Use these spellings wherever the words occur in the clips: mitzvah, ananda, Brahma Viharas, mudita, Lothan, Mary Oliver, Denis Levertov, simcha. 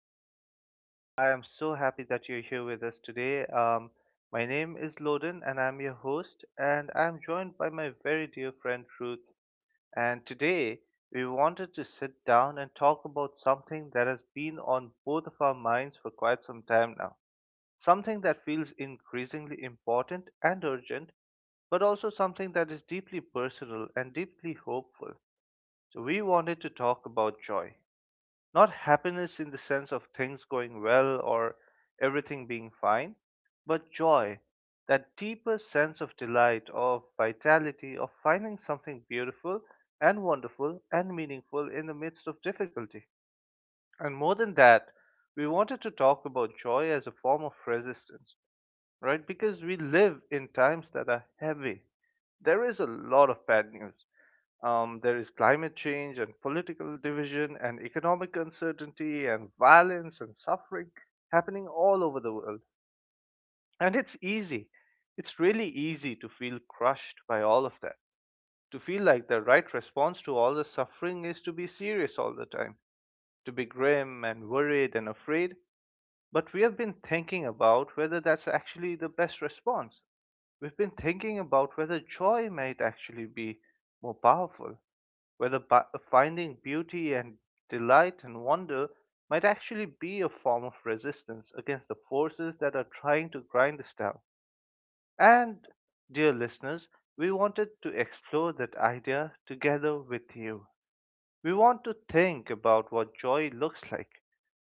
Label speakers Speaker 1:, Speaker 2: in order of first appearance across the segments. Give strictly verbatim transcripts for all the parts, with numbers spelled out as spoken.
Speaker 1: podcast. I am so happy that you're here with us today. Um, my name is Loden, and I'm your host, and I'm joined by my very dear friend Ruth. And today, we wanted to sit down and talk about something that has been on both of our minds for quite some time now. Something that feels increasingly important and urgent, but also something that is deeply personal and deeply hopeful. So, we wanted to talk about joy. Not happiness in the sense of things going well or everything being fine, but joy, that deeper sense of delight, of vitality, of finding something beautiful and wonderful and meaningful in the midst of difficulty. And more than that, we wanted to talk about joy as a form of resistance, right? Because we live in times that are heavy. There is a lot of bad news. Um, there is climate change and political division and economic uncertainty and violence and suffering happening all over the world. And it's easy. It's really easy to feel crushed by all of that. To feel like the right response to all the suffering is to be serious all the time, to be grim and worried and afraid. But we have been thinking about whether that's actually the best response. We've been thinking about whether joy might actually be more powerful, whether bu- finding beauty and delight and wonder might actually be a form of resistance against the forces that are trying to grind us down. And, dear listeners, we wanted to explore that idea together with you. We want to think about what joy looks like,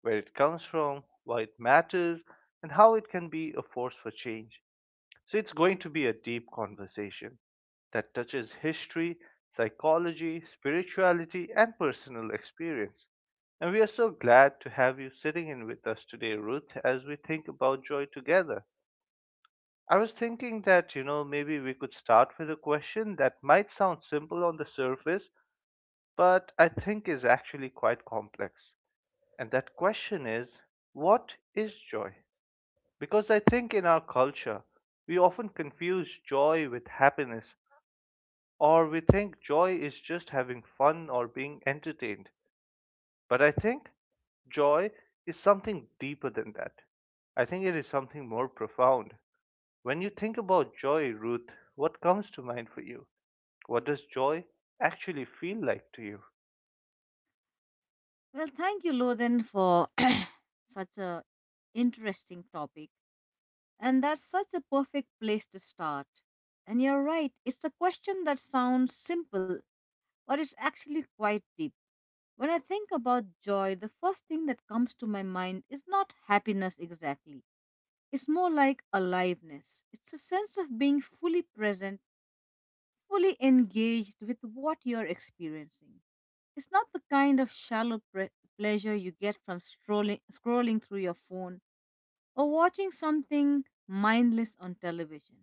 Speaker 1: where it comes from, why it matters, and how it can be a force for change. So it's going to be a deep conversation that touches history, psychology, spirituality, and personal experience. And we are so glad to have you sitting in with us today, Ruth, as we think about joy together. I was thinking that, you know, maybe we could start with a question that might sound simple on the surface, but I think is actually quite complex. And that question is, what is joy? Because I think in our culture, we often confuse joy with happiness, or we think joy is just having fun or being entertained. But I think joy is something deeper than that. I think it is something more profound. When you think about joy, Ruth, what comes to mind for you? What does joy actually feel like to you?
Speaker 2: Well, thank you, Lothan, for such a interesting topic. And that's such a perfect place to start. And you're right, it's a question that sounds simple, but it's actually quite deep. When I think about joy, the first thing that comes to my mind is not happiness exactly. It's more like aliveness. It's a sense of being fully present fully engaged with what you're experiencing. It's not the kind of shallow pre- pleasure you get from strolling, scrolling through your phone or watching something mindless on television.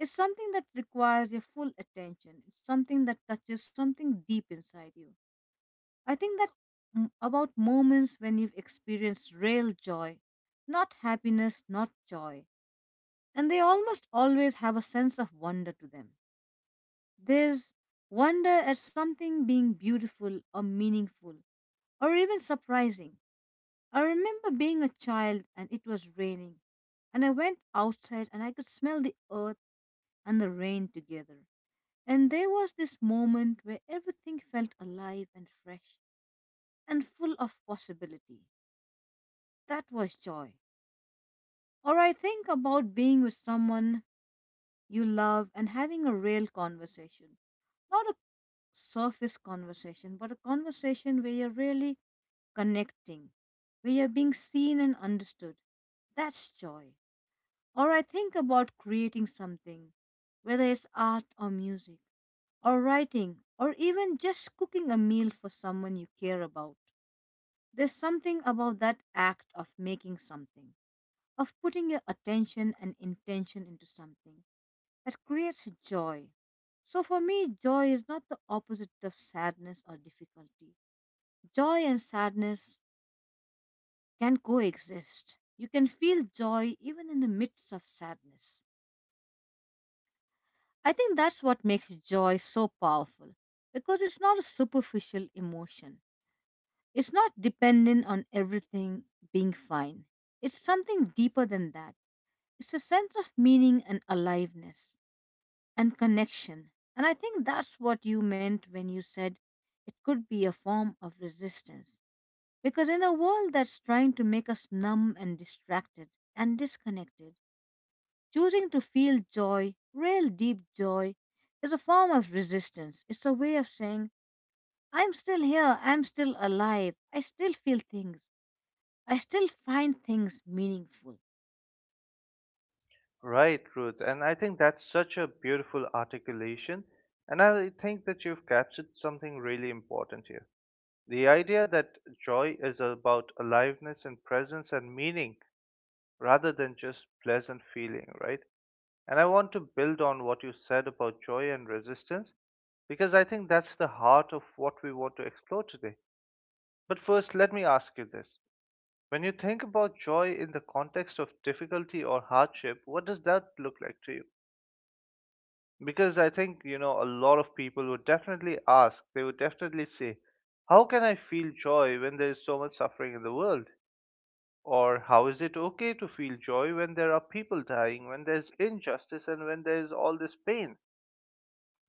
Speaker 2: It's something that requires your full attention. It's something that touches something deep inside you. I think that m- about moments when you've experienced real joy, not happiness, not joy, and they almost always have a sense of wonder to them. There's wonder at something being beautiful or meaningful or even surprising. I remember being a child and it was raining, and I went outside and I could smell the earth and the rain together. And there was this moment where everything felt alive and fresh and full of possibility. That was joy. Or I think about being with someone you love and having a real conversation. Not a surface conversation, but a conversation where you're really connecting, where you're being seen and understood. That's joy. Or I think about creating something, whether it's art or music, or writing, or even just cooking a meal for someone you care about. There's something about that act of making something, of putting your attention and intention into something that creates joy. So for me, joy is not the opposite of sadness or difficulty. Joy and sadness can coexist. You can feel joy even in the midst of sadness. I think that's what makes joy so powerful because it's not a superficial emotion. It's not dependent on everything being fine. It's something deeper than that. It's a sense of meaning and aliveness and connection. And I think that's what you meant when you said it could be a form of resistance. Because in a world that's trying to make us numb and distracted and disconnected, choosing to feel joy, real deep joy, is a form of resistance. It's a way of saying, I'm still here, I'm still alive, I still feel things, I still find things meaningful.
Speaker 1: Right, Ruth, and I think that's such a beautiful articulation, and I think that you've captured something really important here. The idea that joy is about aliveness and presence and meaning rather than just pleasant feeling, right? And I want to build on what you said about joy and resistance because I think that's the heart of what we want to explore today. But first, let me ask you this. When you think about joy in the context of difficulty or hardship, what does that look like to you? Because I think, you know, a lot of people would definitely ask, they would definitely say, how can I feel joy when there is so much suffering in the world? Or how is it okay to feel joy when there are people dying, when there's injustice, and when there's all this pain?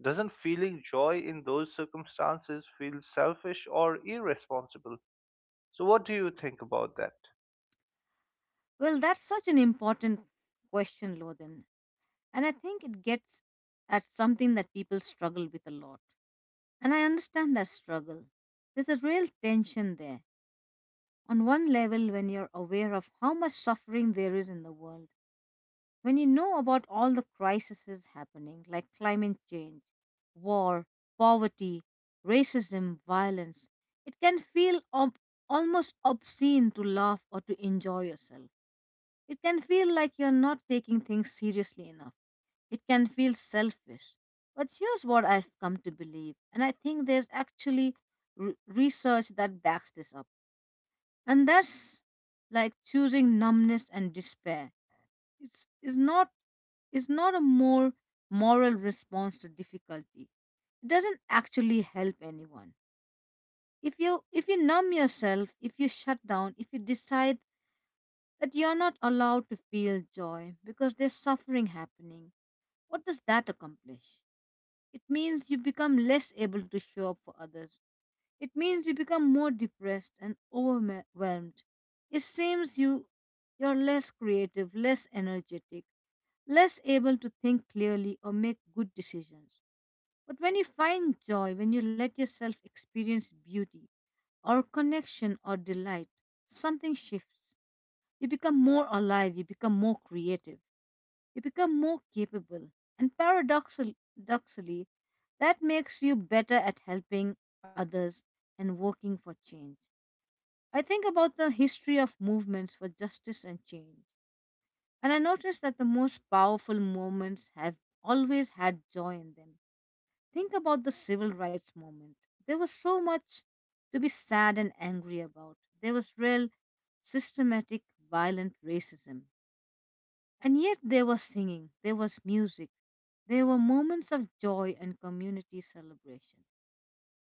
Speaker 1: Doesn't feeling joy in those circumstances feel selfish or irresponsible? So, what do you think about that?
Speaker 2: Well, that's such an important question, Lodin. And I think it gets at something that people struggle with a lot. And I understand that struggle. There's a real tension there. On one level, when you're aware of how much suffering there is in the world, when you know about all the crises happening, like climate change, war, poverty, racism, violence, it can feel ob- almost obscene to laugh or to enjoy yourself. It can feel like you're not taking things seriously enough. It can feel selfish. But here's what I've come to believe, and I think there's actually r- research that backs this up. And that's like choosing numbness and despair. It's, it's not is not a more moral response to difficulty. It doesn't actually help anyone. If you if you numb yourself, if you shut down, if you decide that you're not allowed to feel joy because there's suffering happening, what does that accomplish? It means you become less able to show up for others. It means you become more depressed and overwhelmed. It seems you you're less creative, less energetic, less able to think clearly or make good decisions. But when you find joy, when you let yourself experience beauty or connection or delight, something shifts. You become more alive, you become more creative. You become more capable, and paradoxal- paradoxically, that makes you better at helping others and working for change. I think about the history of movements for justice and change, and I notice that the most powerful movements have always had joy in them. Think about the civil rights movement. There was so much to be sad and angry about. There was real, systematic, violent racism. And yet there was singing, there was music, there were moments of joy and community celebration.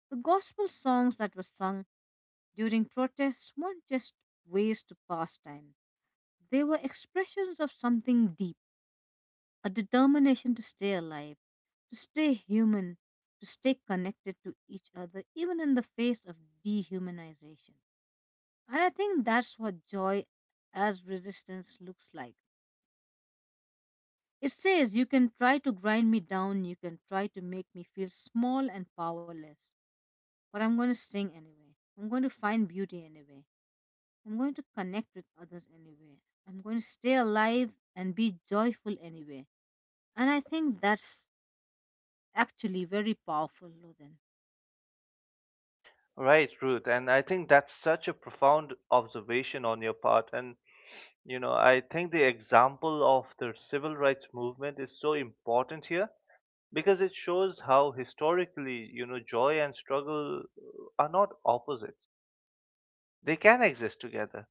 Speaker 2: The gospel songs that were sung during protests weren't just ways to pass time, they were expressions of something deep, a determination to stay alive, to stay human, to stay connected to each other, even in the face of dehumanization. And I think that's what joy as resistance looks like. It says, you can try to grind me down, you can try to make me feel small and powerless, but I'm going to sing anyway. I'm going to find beauty anyway. I'm going to connect with others anyway. I'm going to stay alive and be joyful anyway. And I think that's actually very powerful, Lothan.
Speaker 1: Right, Ruth, and I think that's such a profound observation on your part. And, you know, I think the example of the civil rights movement is so important here because it shows how historically, you know, joy and struggle uh, are not opposites, they can exist together.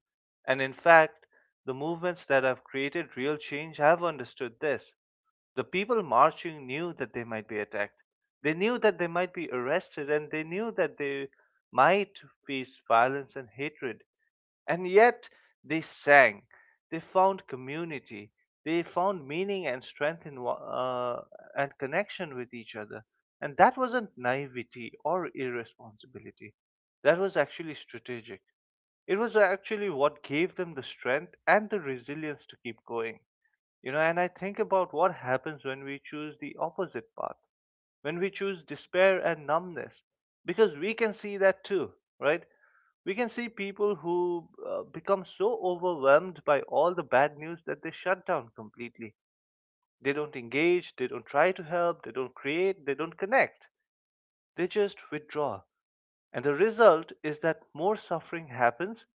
Speaker 1: And in fact, the movements that have created real change have understood this. The people marching knew that they might be attacked. They knew that they might be arrested, and they knew that they might face violence and hatred. And yet they sang. They found community. They found meaning and strength in uh, and connection with each other. And that wasn't naivety or irresponsibility. That was actually strategic. It was actually what gave them the strength and the resilience to keep going. You know, and I think about what happens when we choose the opposite path, when we choose despair and numbness, because we can see that too, right? We can see people who uh, become so overwhelmed by all the bad news that they shut down completely. They don't engage, they don't try to help, they don't create, they don't connect, they just withdraw. And the result is that more suffering happens,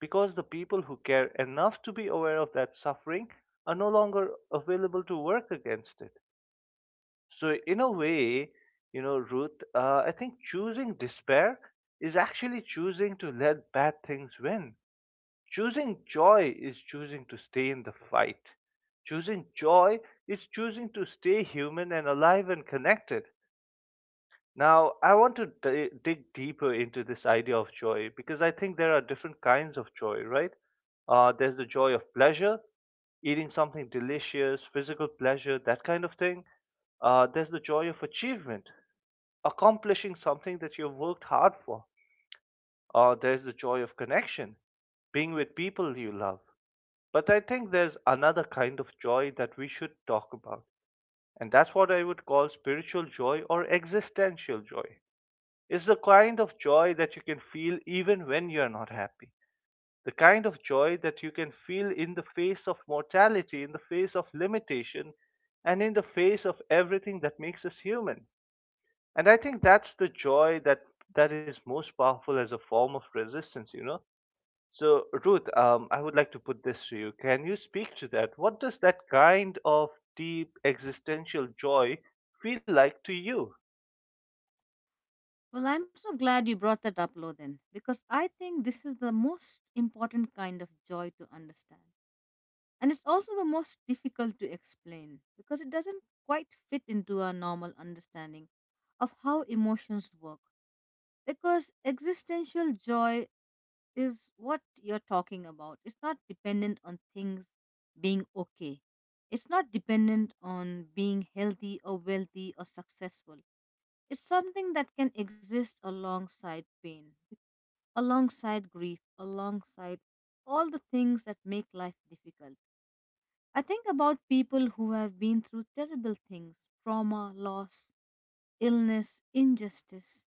Speaker 1: because the people who care enough to be aware of that suffering are no longer available to work against it. So, in a way, you know, Ruth, uh, I think choosing despair is actually choosing to let bad things win. Choosing joy is choosing to stay in the fight. Choosing joy is choosing to stay human and alive and connected. Now, I want to d- dig deeper into this idea of joy because I think there are different kinds of joy, right? Uh, there's the joy of pleasure, eating something delicious, physical pleasure, that kind of thing. Uh, there's the joy of achievement, accomplishing something that you've worked hard for. Uh, there's the joy of connection, being with people you love. But I think there's another kind of joy that we should talk about, and that's what I would call spiritual joy or existential joy. Is the kind of joy that you can feel even when you're not happy. The kind of joy that you can feel in the face of mortality, in the face of limitation, and in the face of everything that makes us human. And I think that's the joy that that is most powerful as a form of resistance, you know? So, Ruth, um, I would like to put this to you. Can you speak to that? What does that kind of deep existential joy feel like to you?
Speaker 2: Well, I'm so glad you brought that up, Lothan, because I think this is the most important kind of joy to understand. And it's also the most difficult to explain because it doesn't quite fit into our normal understanding of how emotions work. Because existential joy is what you're talking about. It's not dependent on things being okay, it's not dependent on being healthy or wealthy or successful. It's something that can exist alongside pain, alongside grief, alongside all the things that make life difficult. I think about people who have been through terrible things: trauma, loss, illness, injustice.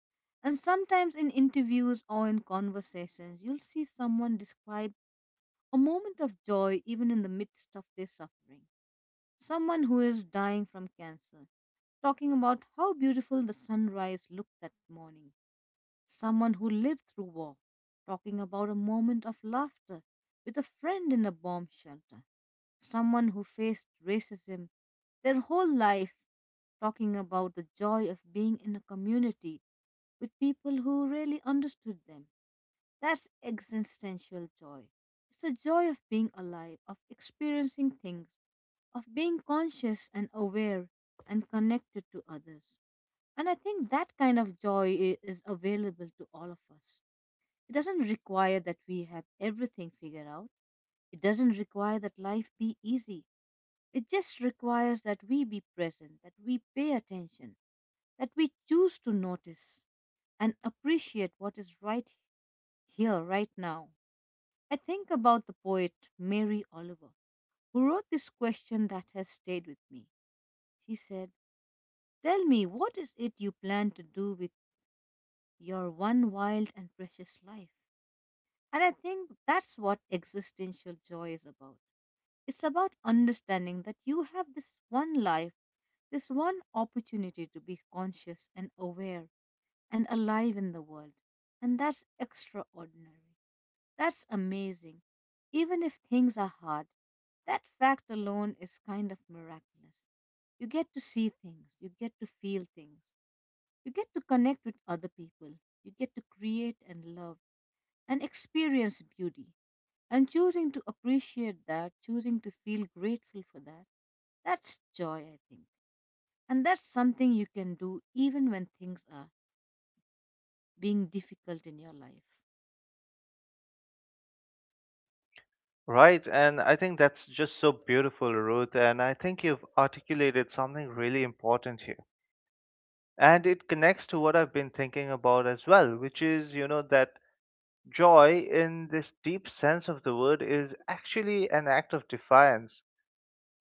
Speaker 2: And sometimes in interviews or in conversations, you'll see someone describe a moment of joy even in the midst of their suffering. Someone who is dying from cancer, talking about how beautiful the sunrise looked that morning. Someone who lived through war, talking about a moment of laughter with a friend in a bomb shelter, someone who faced racism their whole life, talking about the joy of being in a community with people who really understood them. That's existential joy. It's the joy of being alive, of experiencing things, of being conscious and aware and connected to others. And I think that kind of joy i- is available to all of us. It doesn't require that we have everything figured out. It doesn't require that life be easy. It just requires that we be present, that we pay attention, that we choose to notice and appreciate what is right here, right now. I think about the poet Mary Oliver, who wrote this question that has stayed with me. She said, "Tell me, what is it you plan to do with your one wild and precious life?" And I think that's what existential joy is about. It's about understanding that you have this one life, this one opportunity to be conscious and aware and alive in the world. And that's extraordinary. That's amazing. Even if things are hard, that fact alone is kind of miraculous. You get to see things, you get to feel things, you get to connect with other people, you get to create and love and experience beauty. And choosing to appreciate that, choosing to feel grateful for that, that's joy, I think. And that's something you can do even when things are being difficult in your life.
Speaker 1: Right, and I think that's just so beautiful, Ruth, and I think you've articulated something really important here. And it connects to what I've been thinking about as well, which is, you know, that joy in this deep sense of the word is actually an act of defiance.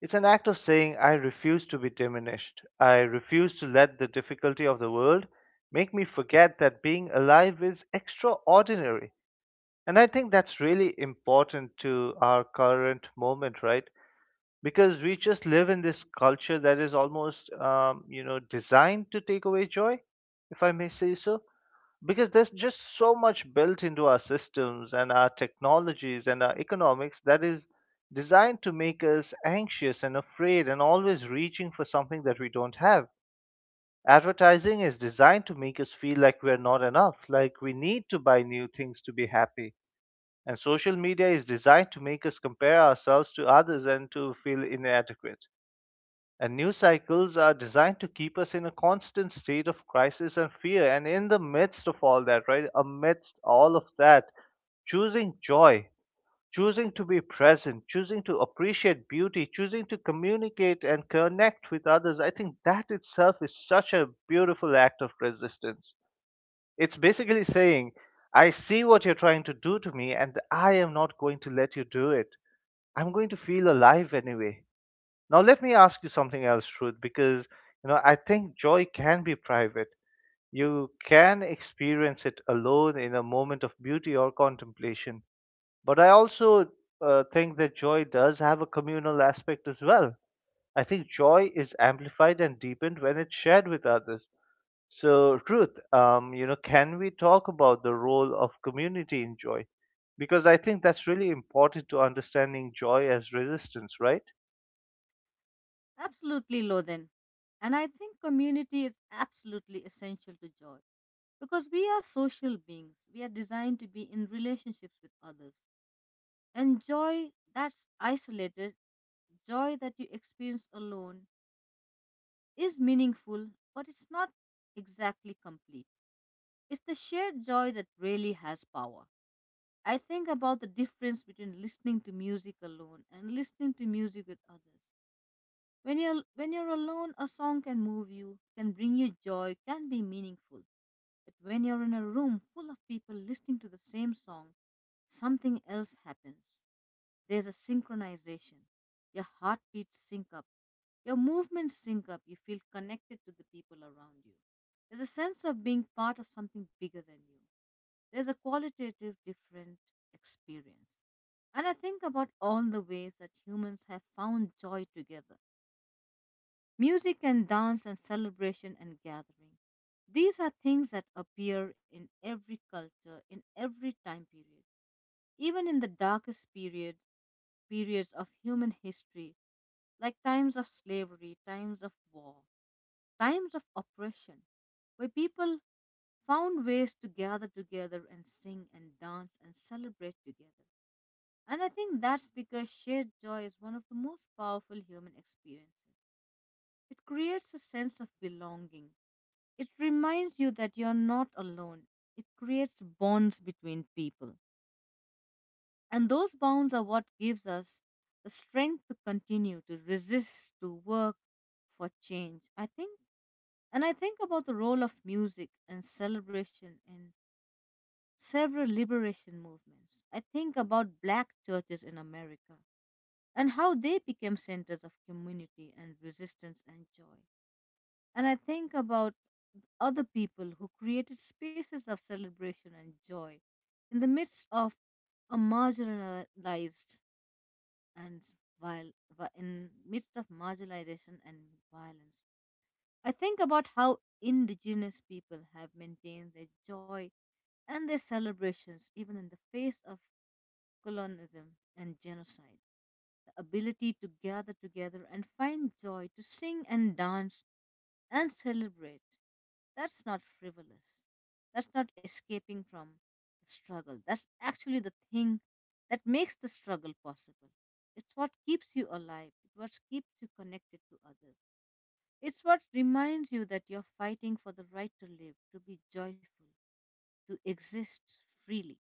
Speaker 1: It's an act of saying, I refuse to be diminished. I refuse to let the difficulty of the world make me forget that being alive is extraordinary. And I think that's really important to our current moment, right? Because we just live in this culture that is almost um, you know, designed to take away joy, if I may say so, because there's just so much built into our systems and our technologies and our economics that is designed to make us anxious and afraid and always reaching for something that we don't have. Advertising is designed to make us feel like we're not enough, like we need to buy new things to be happy, and social media is designed to make us compare ourselves to others and to feel inadequate, and news cycles are designed to keep us in a constant state of crisis and fear. And in the midst of all that, right, amidst all of that, choosing joy, choosing to be present, choosing to appreciate beauty, choosing to communicate and connect with others, I think that itself is such a beautiful act of resistance. It's basically saying, I see what you're trying to do to me, and I am not going to let you do it. I'm going to feel alive anyway. Now let me ask you something else, Truth, because you know, I think joy can be private. You can experience it alone in a moment of beauty or contemplation. But I also uh, think that joy does have a communal aspect as well. I think joy is amplified and deepened when it's shared with others. So, Ruth, um, you know, can we talk about the role of community in joy? Because I think that's really important to understanding joy as resistance, right?
Speaker 2: Absolutely, Lothan. And I think community is absolutely essential to joy because we are social beings. We are designed to be in relationships with others. And joy that's isolated, joy that you experience alone, is meaningful, but it's not exactly complete. It's the shared joy that really has power. I think about the difference between listening to music alone and listening to music with others. When you're when you're alone, a song can move you, can bring you joy, can be meaningful. But when you're in a room full of people listening to the same song, something else happens. There's a synchronization. Your heartbeats sync up. Your movements sync up. You feel connected to the people around you. There's a sense of being part of something bigger than you. There's a qualitative different experience. And I think about all the ways that humans have found joy together: music and dance and celebration and gathering. These are things that appear in every culture, in every time period, even in the darkest period, periods of human history, like times of slavery, times of war, times of oppression, where people found ways to gather together and sing and dance and celebrate together. And I think that's because shared joy is one of the most powerful human experiences. It creates a sense of belonging. It reminds you that you're not alone. It creates bonds between people. And those bonds are what gives us the strength to continue, to resist, to work for change. I think, and I think about the role of music and celebration in several liberation movements. I think about black churches in America and how they became centers of community and resistance and joy. And I think about other people who created spaces of celebration and joy in the midst of a marginalized and viol- vi- in midst of marginalization and violence. I think about how indigenous people have maintained their joy and their celebrations even in the face of colonialism and genocide. The ability to gather together and find joy, to sing and dance and celebrate. That's not frivolous. That's not escaping from the struggle. That's actually the thing that makes the struggle possible. It's what keeps you alive. It's what keeps you connected to others. It's what reminds you that you're fighting for the right to live, to be joyful, to exist freely.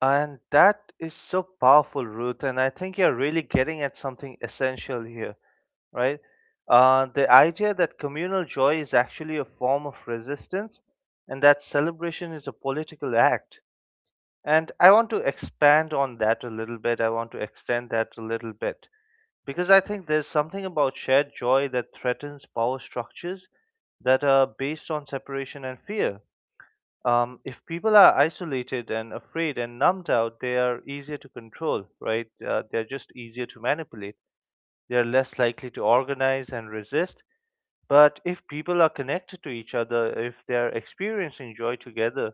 Speaker 1: And that is so powerful, Ruth. And I think you're really getting at something essential here, right? Uh, the idea that communal joy is actually a form of resistance and that celebration is a political act. And I want to expand on that a little bit. I want to extend that a little bit because I think there's something about shared joy that threatens power structures that are based on separation and fear. Um, if people are isolated and afraid and numbed out, they are easier to control, right? Uh, they're just easier to manipulate. They're less likely to organize and resist. But if people are connected to each other, if they're experiencing joy together,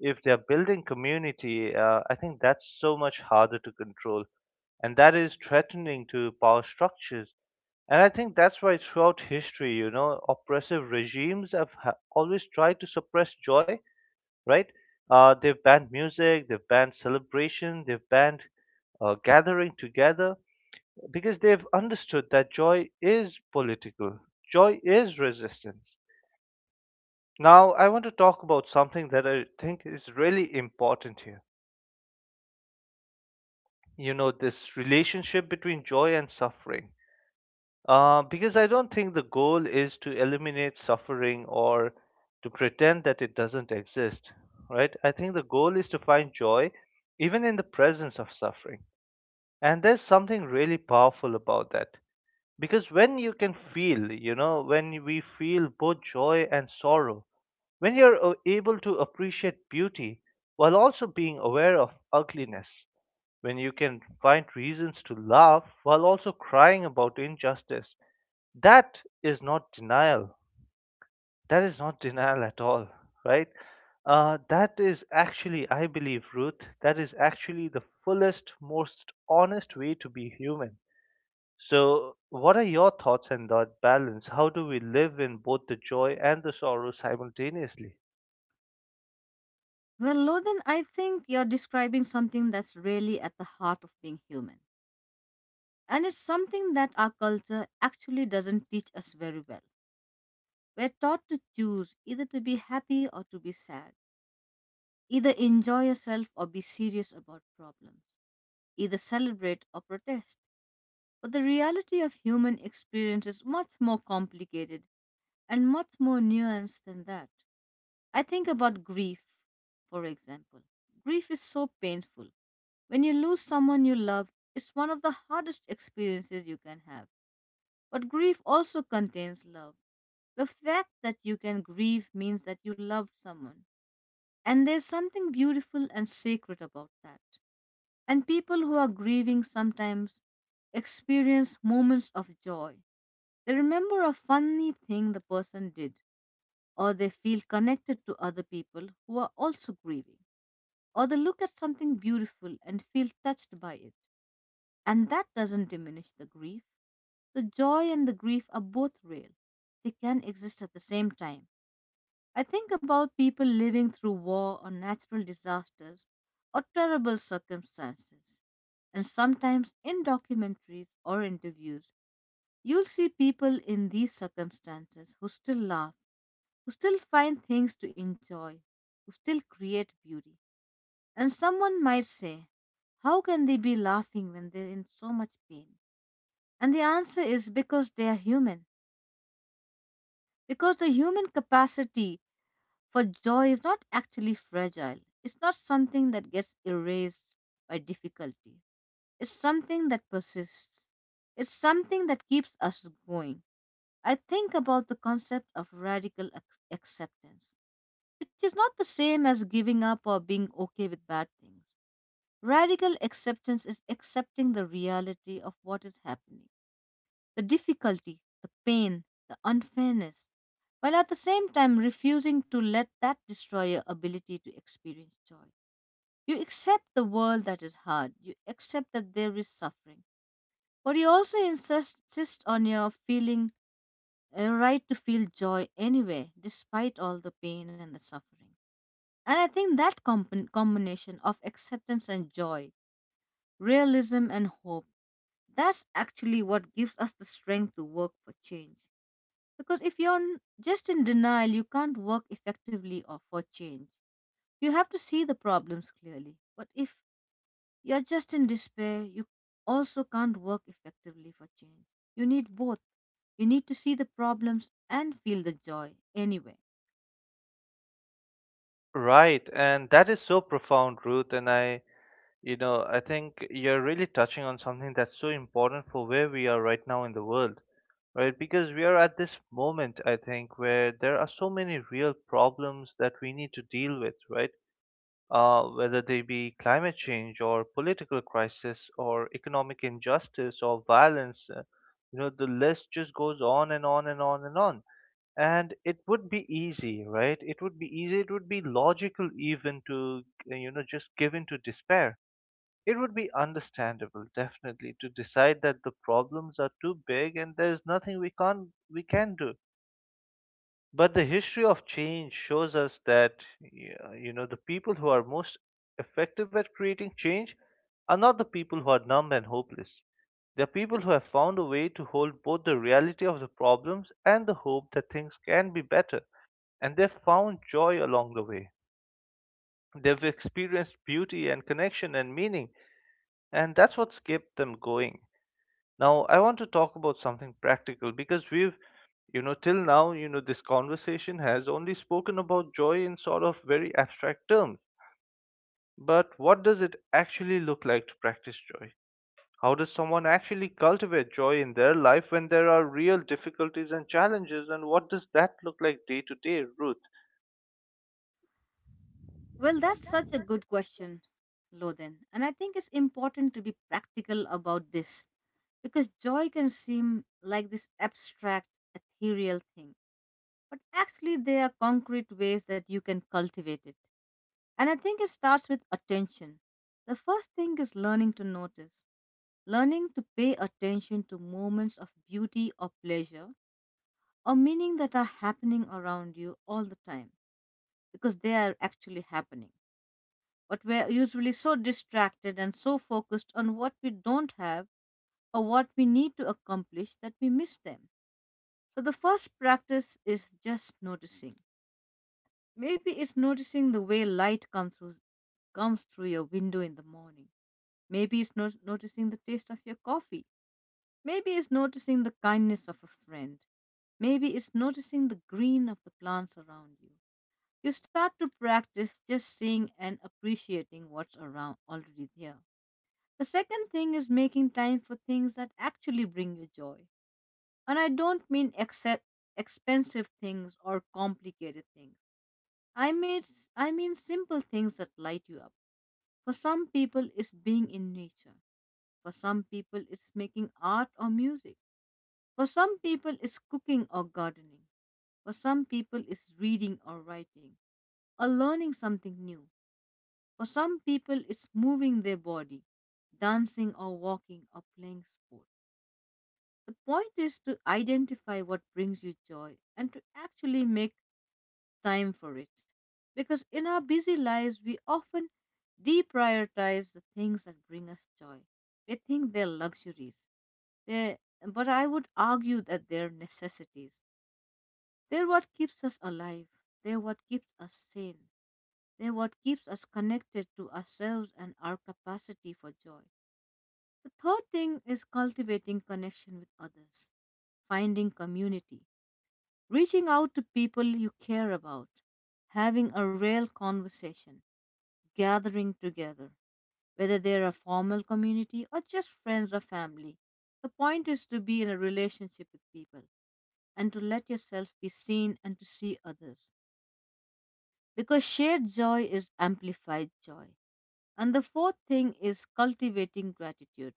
Speaker 1: if they're building community, uh, I think that's so much harder to control, and that is threatening to power structures. And I think that's why throughout history, you know, oppressive regimes have ha- always tried to suppress joy, right? Uh, they've banned music, they've banned celebration, they've banned uh, gathering together because they've understood that joy is political, joy is resistance. Now, I want to talk about something that I think is really important here. You know, this relationship between joy and suffering. Uh, because I don't think the goal is to eliminate suffering or to pretend that it doesn't exist, right? I think the goal is to find joy even in the presence of suffering. And there's something really powerful about that. Because when you can feel, you know, when we feel both joy and sorrow, when you're uh, able to appreciate beauty while also being aware of ugliness, when you can find reasons to laugh while also crying about injustice, that is not denial. That is not denial at all, right? Uh, that is actually, I believe, Ruth, that is actually the fullest, most honest way to be human. So, what are your thoughts on that balance? How do we live in both the joy and the sorrow simultaneously?
Speaker 2: Well, Lothan, I think you're describing something that's really at the heart of being human. And it's something that our culture actually doesn't teach us very well. We're taught to choose either to be happy or to be sad, either enjoy yourself or be serious about problems, either celebrate or protest. But the reality of human experience is much more complicated and much more nuanced than that. I think about grief, for example. Grief is so painful. When you lose someone you love, it's one of the hardest experiences you can have. But grief also contains love. The fact that you can grieve means that you loved someone. And there's something beautiful and sacred about that. And people who are grieving sometimes experience moments of joy. They remember a funny thing the person did, or they feel connected to other people who are also grieving, or they look at something beautiful and feel touched by it. And that doesn't diminish the grief. The joy and the grief are both real, they can exist at the same time. I think about people living through war or natural disasters or terrible circumstances. And sometimes in documentaries or interviews, you'll see people in these circumstances who still laugh, who still find things to enjoy, who still create beauty. And someone might say, "How can they be laughing when they're in so much pain?" And the answer is because they are human, because the human capacity for joy is not actually fragile, it's not something that gets erased by difficulty, it's something that persists, it's something that keeps us going. I think about the concept of radical ac- acceptance, which is not the same as giving up or being okay with bad things. Radical acceptance is accepting the reality of what is happening, the difficulty, the pain, the unfairness, while at the same time refusing to let that destroy your ability to experience joy. You accept the world that is hard, you accept that there is suffering, but you also insist, insist on your feeling a right to feel joy anyway, despite all the pain and the suffering. And I think that comp- combination of acceptance and joy, realism and hope, that's actually what gives us the strength to work for change. Because if you're n- just in denial, you can't work effectively or for change. You have to see the problems clearly. But if you're just in despair, you also can't work effectively for change. You need both. You need to see the problems and feel the joy anyway.
Speaker 1: Right, and that is so profound, Ruth. And I, you know, I think you're really touching on something that's so important for where we are right now in the world. Right, because we are at this moment, I think, where there are so many real problems that we need to deal with, right? Uh, whether they be climate change or political crisis or economic injustice or violence, uh, you know, the list just goes on and on and on and on. And it would be easy, right? It would be easy, it would be logical even to, uh, you know, just give in to despair. It would be understandable, definitely, to decide that the problems are too big and there is nothing we can we can do. But the history of change shows us that y- you know, the people who are most effective at creating change are not the people who are numb and hopeless. They are people who have found a way to hold both the reality of the problems and the hope that things can be better, and they've found joy along the way. They've experienced beauty and connection and meaning, and that's what's kept them going. Now, I want to talk about something practical because we've, you know, till now, you know, this conversation has only spoken about joy in sort of very abstract terms. But what does it actually look like to practice joy? How does someone actually cultivate joy in their life when there are real difficulties and challenges? And what does that look like day to day, Ruth?
Speaker 2: Well, that's such a good question, Loden. And I think it's important to be practical about this because joy can seem like this abstract, ethereal thing, but actually there are concrete ways that you can cultivate it. And I think it starts with attention. The first thing is learning to notice, learning to pay attention to moments of beauty or pleasure or meaning that are happening around you all the time because they are actually happening. But we're usually so distracted and so focused on what we don't have or what we need to accomplish that we miss them. So the first practice is just noticing. Maybe it's noticing the way light comes through comes through your window in the morning. Maybe it's not noticing the taste of your coffee. Maybe it's noticing the kindness of a friend. Maybe it's noticing the green of the plants around you. You start to practice just seeing and appreciating what's around already there. The second thing is making time for things that actually bring you joy. And I don't mean except expensive things or complicated things. I mean, s- I mean simple things that light you up. For some people, it's being in nature. For some people, it's making art or music. For some people, it's cooking or gardening. For some people, it's reading or writing or learning something new. For some people, it's moving their body, dancing or walking or playing sport. The point is to identify what brings you joy and to actually make time for it. Because in our busy lives, we often deprioritize the things that bring us joy. We think they're luxuries. They, but I would argue that they're necessities. They're what keeps us alive. They're what keeps us sane. They're what keeps us connected to ourselves and our capacity for joy. The third thing is cultivating connection with others, finding community, reaching out to people you care about, having a real conversation, gathering together, whether they're a formal community or just friends or family. The point is to be in a relationship with people and to let yourself be seen and to see others because shared joy is amplified joy. And the fourth thing is cultivating gratitude,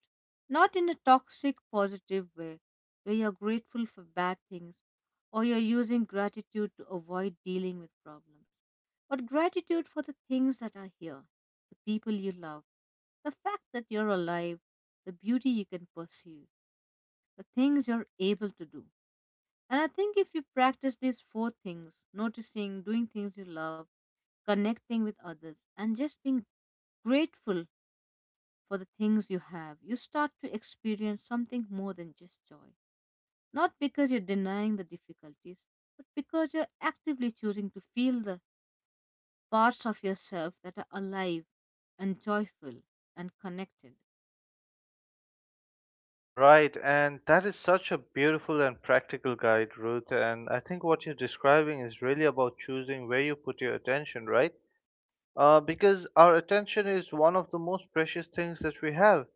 Speaker 2: not in a toxic, positive way where you're grateful for bad things or you're using gratitude to avoid dealing with problems, but gratitude for the things that are here, the people you love, the fact that you're alive, the beauty you can perceive, the things you're able to do. And I think if you practice these four things, noticing, doing things you love, connecting with others, and just being grateful for the things you have, you start to experience something more than just joy. Not because you're denying the difficulties, but because you're actively choosing to feel the parts of yourself that are alive and joyful and connected.
Speaker 1: Right, and that is such a beautiful and practical guide, Ruth. And I think what you're describing is really about choosing where you put your attention, right? uh, because our attention is one of the most precious things that we have.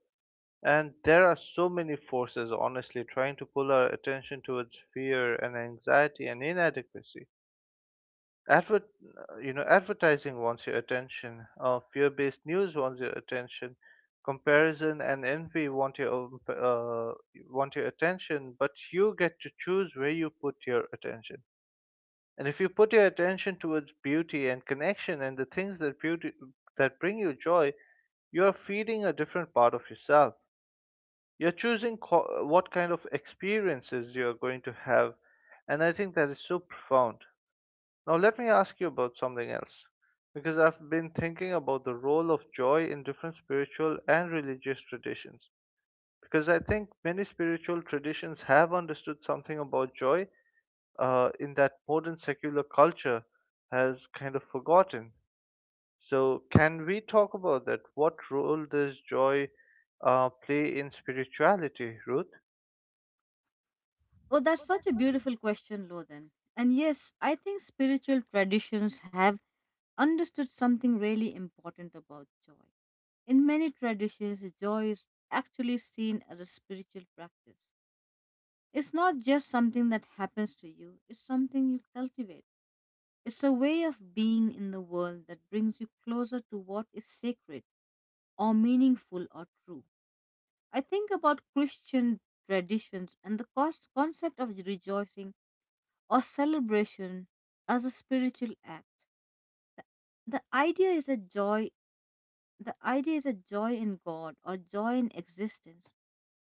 Speaker 1: And there are so many forces, honestly, trying to pull our attention towards fear and anxiety and inadequacy. Advert, uh, you know, advertising wants your attention. Uh, fear-based news wants your attention. Comparison and envy want your own, uh, want your attention, but you get to choose where you put your attention. And if you put your attention towards beauty and connection and the things that beauty that bring you joy, you are feeding a different part of yourself. You're choosing co- what kind of experiences you're going to have, and I think that is so profound. Now, let me ask you about something else, because I've been thinking about the role of joy in different spiritual and religious traditions. Because I think many spiritual traditions have understood something about joy uh, in that modern secular culture has kind of forgotten. So, can we talk about that? What role does joy uh, play in spirituality, Ruth?
Speaker 2: Oh, that's such a beautiful question, Lothan. And yes, I think spiritual traditions have understood something really important about joy. In many traditions, joy is actually seen as a spiritual practice. It's not just something that happens to you, it's something you cultivate. It's a way of being in the world that brings you closer to what is sacred or meaningful or true. I think about Christian traditions and the cos- concept of rejoicing or celebration as a spiritual act. The idea is a joy, the idea is a joy in God or joy in existence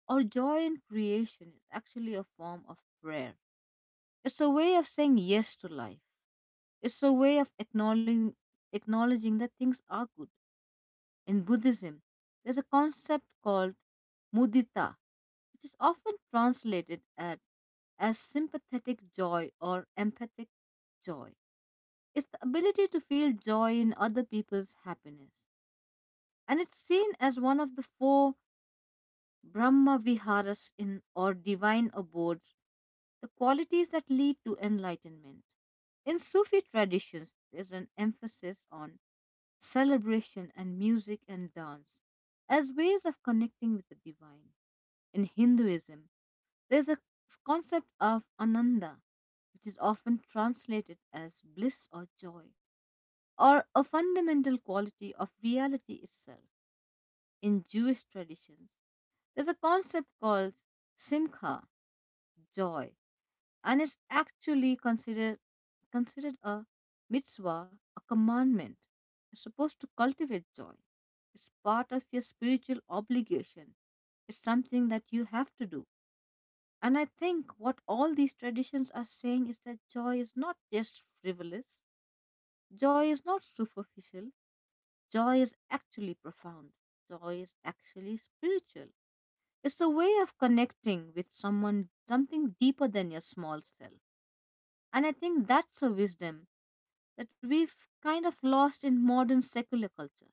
Speaker 2: or joy in creation is actually a form of prayer. It's a way of saying yes to life. It's a way of acknowledging, acknowledging that things are good. In Buddhism, there's a concept called mudita, which is often translated as, as sympathetic joy or empathic joy. It's the ability to feel joy in other people's happiness. And it's seen as one of the four Brahma Viharas, in or divine abodes, the qualities that lead to enlightenment. In Sufi traditions, there's an emphasis on celebration, and music and dance as ways of connecting with the divine. In Hinduism, there's a concept of ananda, which is often translated as bliss or joy, or a fundamental quality of reality itself. In Jewish traditions, there's a concept called simcha, joy, and is actually considered considered a mitzvah, a commandment. You're supposed to cultivate joy. It's part of your spiritual obligation. It's something that you have to do. And I think what all these traditions are saying is that joy is not just frivolous, joy is not superficial, joy is actually profound, joy is actually spiritual. It's a way of connecting with someone, something deeper than your small self. And I think that's a wisdom that we've kind of lost in modern secular culture.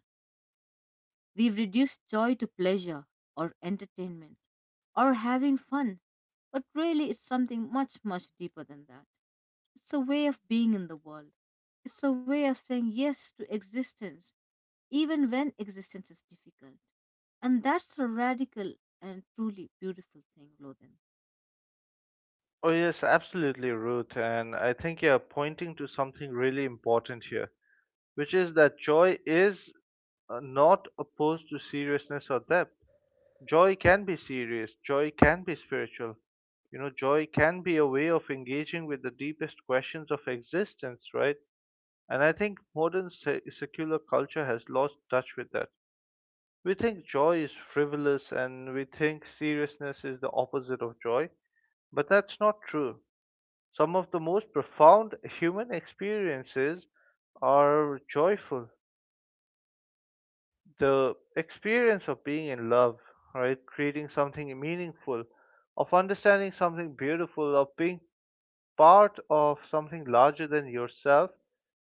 Speaker 2: We've reduced joy to pleasure or entertainment or having fun, but really it's something much, much deeper than that. It's a way of being in the world, it's a way of saying yes to existence, even when existence is difficult. And that's a radical and truly beautiful thing, Lothan.
Speaker 1: Oh, yes, absolutely, Ruth. And I think you're pointing to something really important here, which is that joy is uh, not opposed to seriousness or depth. Joy can be serious, joy can be spiritual. You know, joy can be a way of engaging with the deepest questions of existence, right? And I think modern se- secular culture has lost touch with that. We think joy is frivolous and we think seriousness is the opposite of joy, but that's not true. Some of the most profound human experiences are joyful. The experience of being in love, right? Creating something meaningful, of understanding something beautiful, of being part of something larger than yourself,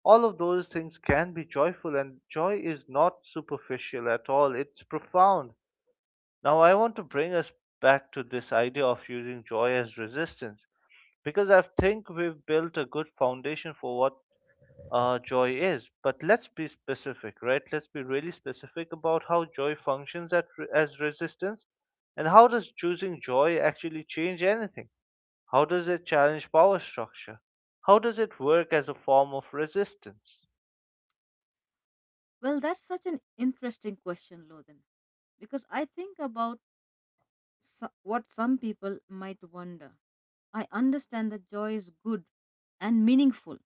Speaker 1: all of those things can be joyful, and joy is not superficial at all. It's profound. Now, I want to bring us back to this idea of using joy as resistance because I think we've built a good foundation for what uh, joy is. But let's be specific, right? Let's be really specific about how joy functions at, as resistance, and how does choosing joy actually change anything? How does it challenge power structure? How does it work as a form of resistance?
Speaker 2: Well, that's such an interesting question, Lothan, because I think about so- what some people might wonder. I understand that joy is good and meaningful,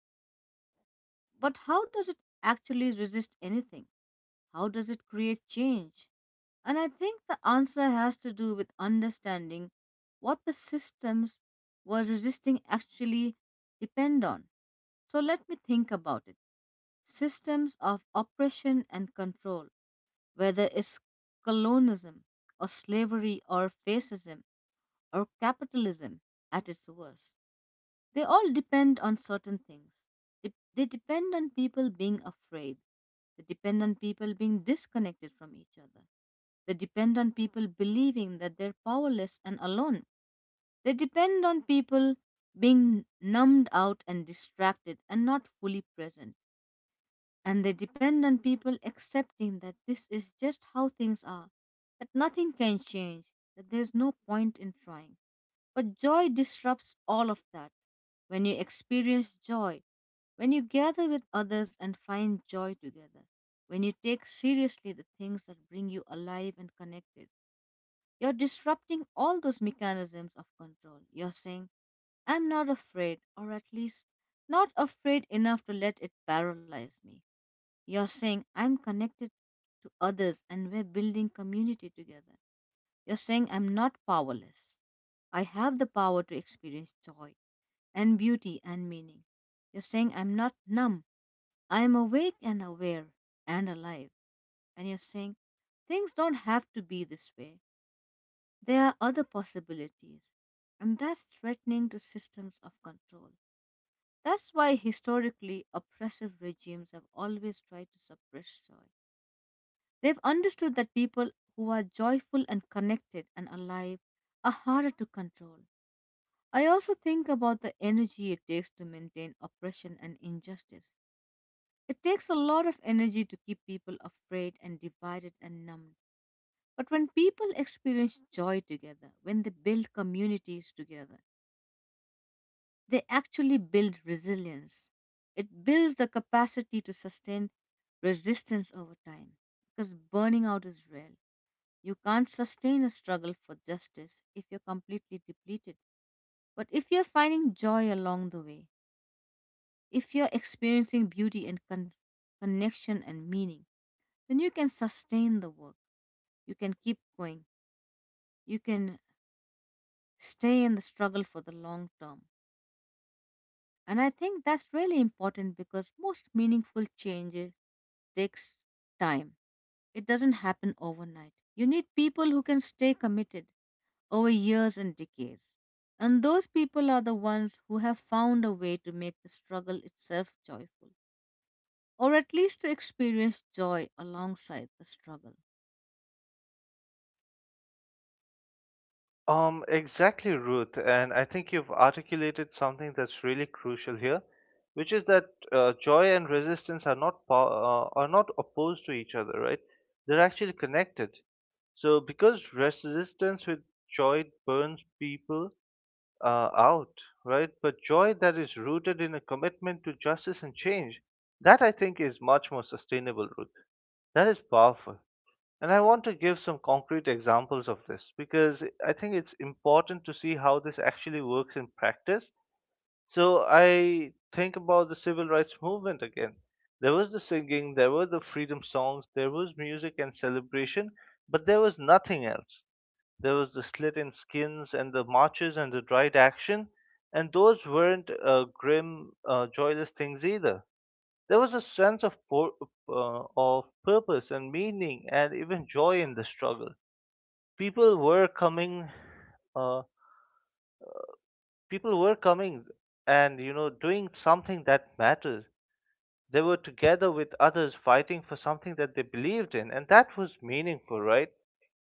Speaker 2: but how does it actually resist anything? How does it create change? And I think the answer has to do with understanding what the systems we're resisting actually depend on. So let me think about it. Systems of oppression and control, whether it's colonialism or slavery or fascism, or capitalism at its worst. They all depend on certain things. Dep- They depend on people being afraid. They depend on people being disconnected from each other. They depend on people believing that they're powerless and alone. They depend on people being numbed out and distracted and not fully present. And they depend on people accepting that this is just how things are, that nothing can change, that there's no point in trying. But joy disrupts all of that. When you experience joy, when you gather with others and find joy together, when you take seriously the things that bring you alive and connected, you're disrupting all those mechanisms of control. You're saying, I'm not afraid, or at least not afraid enough to let it paralyze me. You're saying, I'm connected to others and we're building community together. You're saying I'm not powerless. I have the power to experience joy and beauty and meaning. You're saying I'm not numb. I'm awake and aware and alive. And you're saying things don't have to be this way. There are other possibilities. And that's threatening to systems of control. That's why historically oppressive regimes have always tried to suppress joy. They've understood that people who are joyful and connected and alive are harder to control. I also think about the energy it takes to maintain oppression and injustice. It takes a lot of energy to keep people afraid and divided and numbed. But when people experience joy together, when they build communities together, they actually build resilience. It builds the capacity to sustain resistance over time because burning out is real. You can't sustain a struggle for justice if you're completely depleted. But if you're finding joy along the way, if you're experiencing beauty and con- connection and meaning, then you can sustain the work. You can keep going. You can stay in the struggle for the long term. And I think that's really important because most meaningful changes takes time. It doesn't happen overnight. You need people who can stay committed over years and decades. And those people are the ones who have found a way to make the struggle itself joyful, or at least to experience joy alongside the struggle.
Speaker 1: Um, exactly, Ruth. And I think you've articulated something that's really crucial here, which is that uh, joy and resistance are not po- uh, are not opposed to each other, right? They're actually connected. So because resistance with joy burns people uh, out, right? But joy that is rooted in a commitment to justice and change, that I think is much more sustainable, Ruth. That is powerful. And I want to give some concrete examples of this because I think it's important to see how this actually works in practice. So I think about the civil rights movement again. There was the singing, there were the freedom songs, there was music and celebration, but there was nothing else. There was the slit in skins and the marches and the dried action, and those weren't uh, grim, uh, joyless things either. There was a sense of, pur- uh, of purpose and meaning and even joy in the struggle. People were coming, uh, People were coming and, you know, doing something that mattered. They were together with others fighting for something that they believed in, and that was meaningful, right?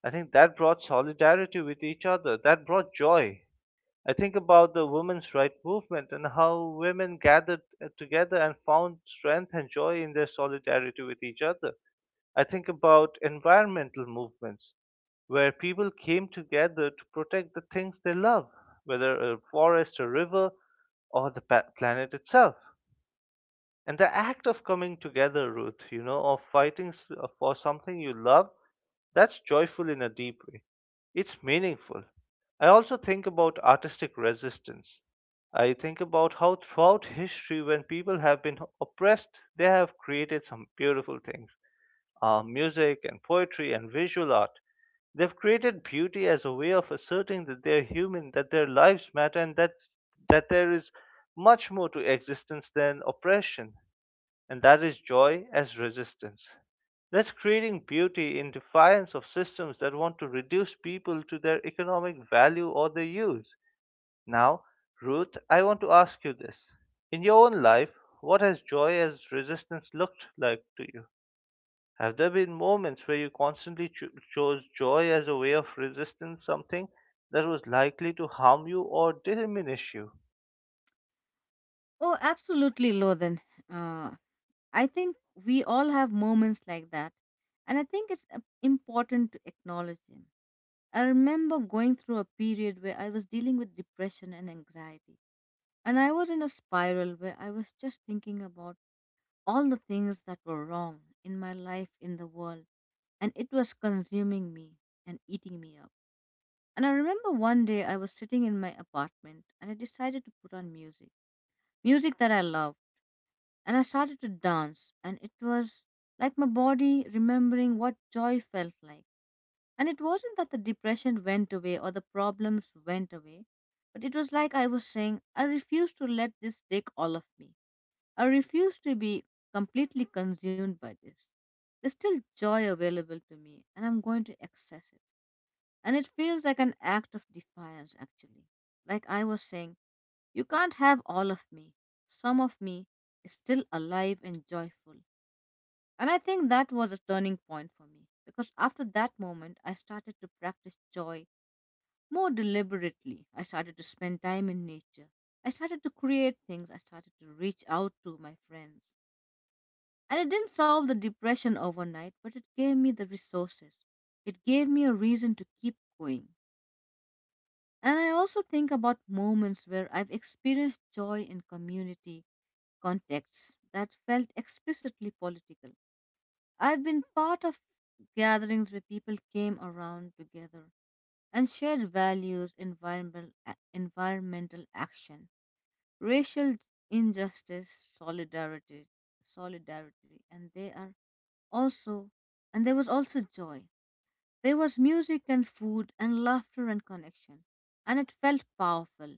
Speaker 1: I think that brought solidarity with each other, that brought joy. I think about the women's right movement and how women gathered uh, together and found strength and joy in their solidarity with each other. I think about environmental movements where people came together to protect the things they love, whether a forest, a river, or the pa- planet itself. And the act of coming together, Ruth, you know, of fighting s- uh, for something you love, that's joyful in a deep way. It's meaningful. I also think about artistic resistance. I think about how throughout history, when people have been oppressed, they have created some beautiful things, uh, music and poetry and visual art. They've created beauty as a way of asserting that they're human, that their lives matter, and that's, that there is much more to existence than oppression, and that is joy as resistance. That's creating beauty in defiance of systems that want to reduce people to their economic value or their use. Now, Ruth, I want to ask you this. In your own life, what has joy as resistance looked like to you? Have there been moments where you constantly cho- chose joy as a way of resisting something that was likely to harm you or diminish you?
Speaker 2: Oh, absolutely, Lothan. Uh, I think we all have moments like that, and I think it's uh, important to acknowledge them. I remember going through a period where I was dealing with depression and anxiety, and I was in a spiral where I was just thinking about all the things that were wrong in my life, in the world, and it was consuming me and eating me up. And I remember one day I was sitting in my apartment and I decided to put on music, music that I love. And I started to dance, and it was like my body remembering what joy felt like. And it wasn't that the depression went away or the problems went away, but it was like I was saying, I refuse to let this take all of me. I refuse to be completely consumed by this. There's still joy available to me, and I'm going to access it. And it feels like an act of defiance, actually. Like I was saying, you can't have all of me. Some of me is still alive and joyful. And I think that was a turning point for me because after that moment, I started to practice joy more deliberately. I started to spend time in nature. I started to create things. I started to reach out to my friends. And it didn't solve the depression overnight, but it gave me the resources. It gave me a reason to keep going. And I also think about moments where I've experienced joy in community contexts that felt explicitly political. I've been part of gatherings where people came around together and shared values, environmental, a- environmental action, racial injustice, solidarity, solidarity, and they are also, and there was also joy. There was music and food and laughter and connection. And it felt powerful.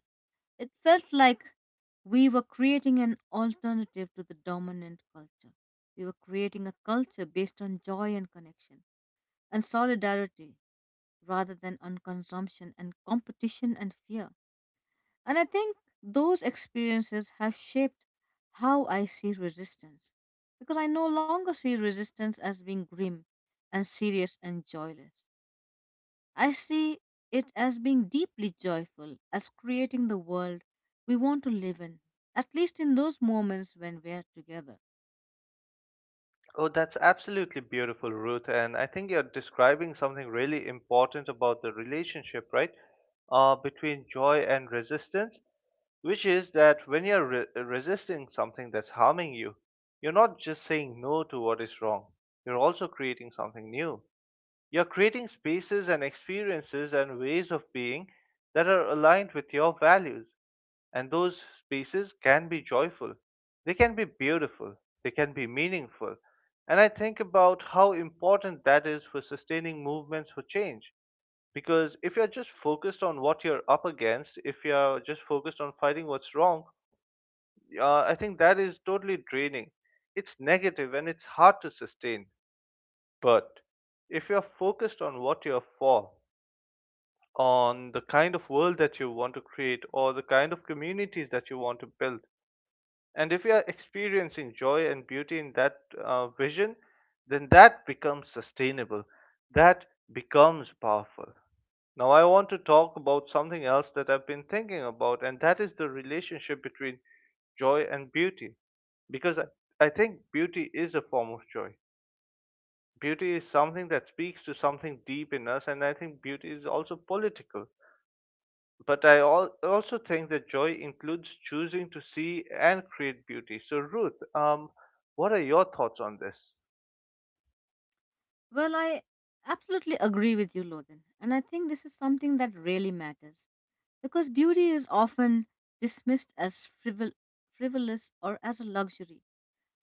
Speaker 2: It felt like we were creating an alternative to the dominant culture. We were creating a culture based on joy and connection and solidarity rather than on consumption and competition and fear. And I think those experiences have shaped how I see resistance because I no longer see resistance as being grim and serious and joyless. I see it as being deeply joyful, as creating the world we want to live in, at least in those moments when we are together.
Speaker 1: Oh, that's absolutely beautiful, Ruth. And I think you're describing something really important about the relationship, right? Uh, between joy and resistance, which is that when you're re- resisting something that's harming you, you're not just saying no to what is wrong, you're also creating something new. You're creating spaces and experiences and ways of being that are aligned with your values. And those spaces can be joyful, they can be beautiful, they can be meaningful. And I think about how important that is for sustaining movements for change. Because if you're just focused on what you're up against, if you're just focused on fighting what's wrong, uh, I think that is totally draining. It's negative and it's hard to sustain. But if you're focused on what you're for, on the kind of world that you want to create or the kind of communities that you want to build. And if you are experiencing joy and beauty in that uh, vision, then that becomes sustainable, that becomes powerful. Now, I want to talk about something else that I've been thinking about, and that is the relationship between joy and beauty. Because I, I think beauty is a form of joy. Beauty is something that speaks to something deep in us, and I think beauty is also political, but I al- also think that joy includes choosing to see and create beauty. So, Ruth, um, what are your thoughts on this?
Speaker 2: Well, I absolutely agree with you, Lodin, and I think this is something that really matters because beauty is often dismissed as frivol- frivolous or as a luxury.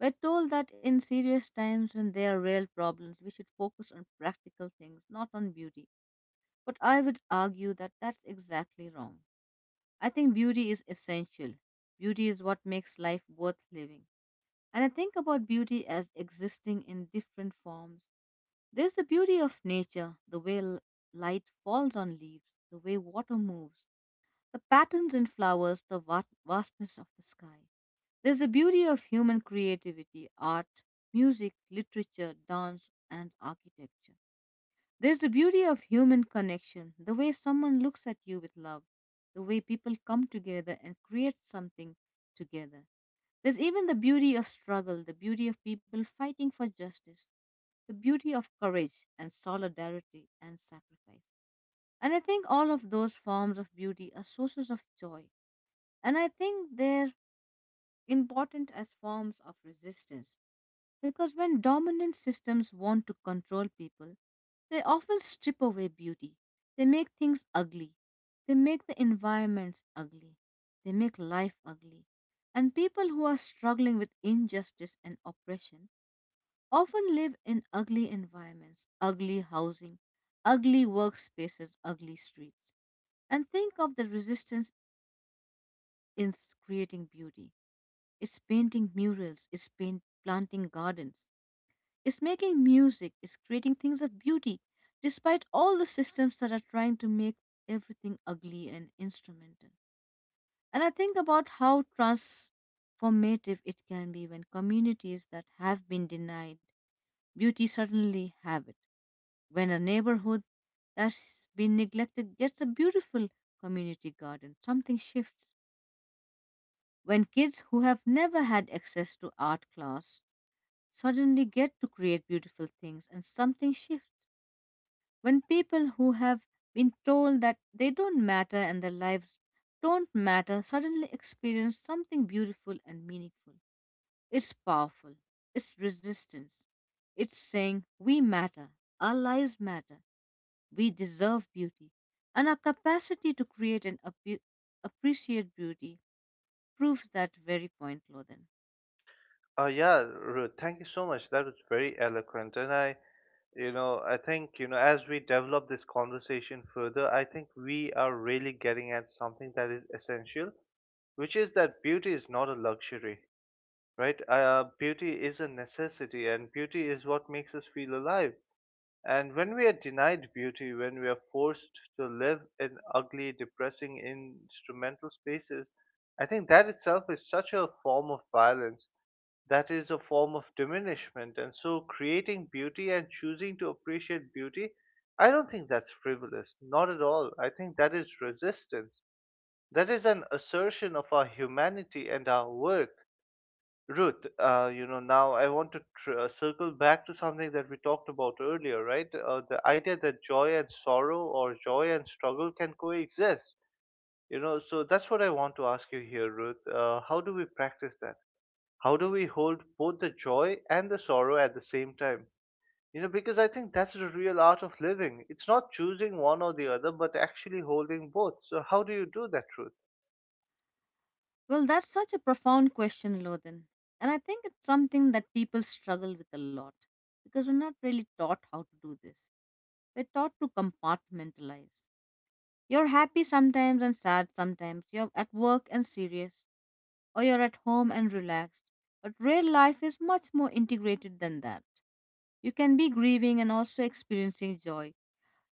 Speaker 2: We're told that in serious times when there are real problems, we should focus on practical things, not on beauty. But I would argue that that's exactly wrong. I think beauty is essential. Beauty is what makes life worth living. And I think about beauty as existing in different forms. There's the beauty of nature, the way l- light falls on leaves, the way water moves, the patterns in flowers, the va- vastness of the sky. There's the beauty of human creativity, art, music, literature, dance, and architecture. There's the beauty of human connection, the way someone looks at you with love, the way people come together and create something together. There's even the beauty of struggle, the beauty of people fighting for justice, the beauty of courage and solidarity and sacrifice. And I think all of those forms of beauty are sources of joy. And I think they're important as forms of resistance. Because when dominant systems want to control people, they often strip away beauty. They make things ugly. They make the environments ugly. They make life ugly. And people who are struggling with injustice and oppression often live in ugly environments, ugly housing, ugly workspaces, ugly streets. And think of the resistance in s- creating beauty. It's painting murals, it's paint, planting gardens, is making music, is creating things of beauty, despite all the systems that are trying to make everything ugly and instrumental. And I think about how transformative it can be when communities that have been denied beauty suddenly have it. When a neighborhood that's been neglected gets a beautiful community garden, something shifts. When kids who have never had access to art class suddenly get to create beautiful things and something shifts. When people who have been told that they don't matter and their lives don't matter suddenly experience something beautiful and meaningful. It's powerful. It's resistance. It's saying, we matter. Our lives matter. We deserve beauty. And our capacity to create and appre- appreciate beauty proves that very point, Loden.
Speaker 1: Uh, yeah, Ruth, thank you so much. That was very eloquent. And I, you know, I think, you know, as we develop this conversation further, I think we are really getting at something that is essential, which is that beauty is not a luxury, right? Uh, beauty is a necessity, and beauty is what makes us feel alive. And when we are denied beauty, when we are forced to live in ugly, depressing, instrumental spaces, I think that itself is such a form of violence. That is a form of diminishment. And so, creating beauty and choosing to appreciate beauty, I don't think that's frivolous. Not at all. I think that is resistance. That is an assertion of our humanity and our worth. Ruth, uh, you know, now I want to tr- uh, circle back to something that we talked about earlier, right? Uh, the idea that joy and sorrow or joy and struggle can coexist. You know, so that's what I want to ask you here, Ruth. Uh, how do we practice that? How do we hold both the joy and the sorrow at the same time? You know, because I think that's the real art of living. It's not choosing one or the other, but actually holding both. So, how do you do that, Ruth?
Speaker 2: Well, that's such a profound question, Lodin. And I think it's something that people struggle with a lot because we're not really taught how to do this. We're taught to compartmentalize. You're happy sometimes and sad sometimes. You're at work and serious, or you're at home and relaxed. But real life is much more integrated than that. You can be grieving and also experiencing joy.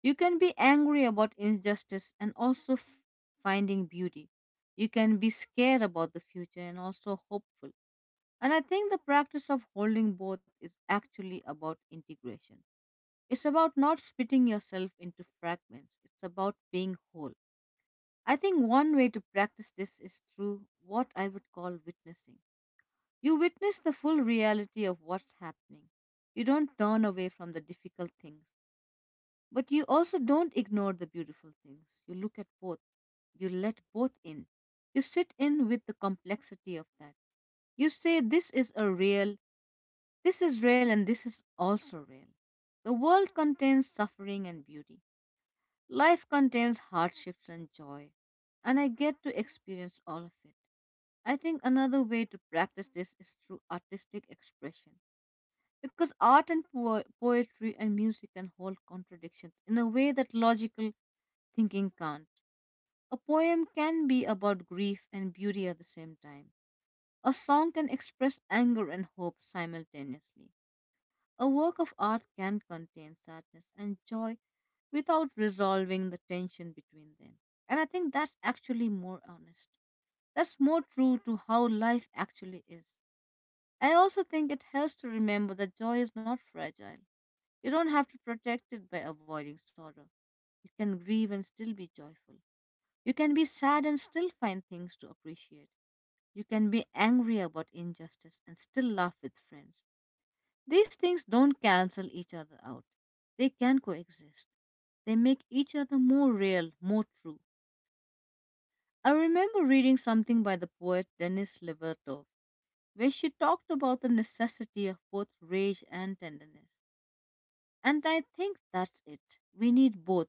Speaker 2: You can be angry about injustice and also f- finding beauty. You can be scared about the future and also hopeful. And I think the practice of holding both is actually about integration. It's about not splitting yourself into fragments, it's about being whole. I think one way to practice this is through what I would call witnessing. You witness the full reality of what's happening. You don't turn away from the difficult things. But you also don't ignore the beautiful things. You look at both. You let both in. You sit in with the complexity of that. You say, this is a real, this is real, and this is also real. The world contains suffering and beauty. Life contains hardships and joy. And I get to experience all of it. I think another way to practice this is through artistic expression. Because art and po- poetry and music can hold contradictions in a way that logical thinking can't. A poem can be about grief and beauty at the same time. A song can express anger and hope simultaneously. A work of art can contain sadness and joy without resolving the tension between them. And I think that's actually more honest. That's more true to how life actually is. I also think it helps to remember that joy is not fragile. You don't have to protect it by avoiding sorrow. You can grieve and still be joyful. You can be sad and still find things to appreciate. You can be angry about injustice and still laugh with friends. These things don't cancel each other out, they can coexist. They make each other more real, more true. I remember reading something by the poet Denis Levertov where she talked about the necessity of both rage and tenderness. And I think that's it. We need both.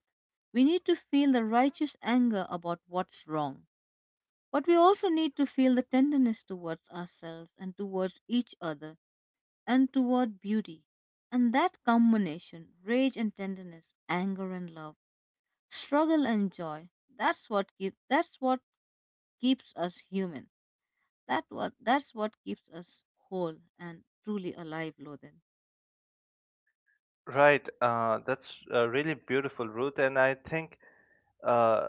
Speaker 2: We need to feel the righteous anger about what's wrong. But we also need to feel the tenderness towards ourselves and towards each other and toward beauty. And that combination, rage and tenderness, anger and love, struggle and joy, that's what keep, that's what keeps us human. That what that's what keeps us whole and truly alive, Lothan.
Speaker 1: Right. Uh, that's uh, really beautiful, Ruth. And I think. Uh,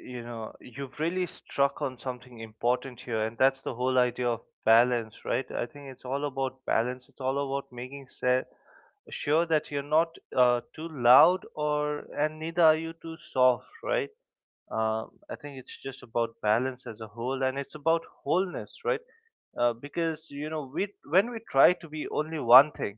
Speaker 1: you know, you've really struck on something important here, and that's the whole idea of balance, right? I think it's all about balance. It's all about making se- sure that you're not uh, too loud, or and neither are you too soft, right? Um, i think it's just about balance as a whole, and it's about wholeness, right? Uh, because you know we, when we try to be only one thing,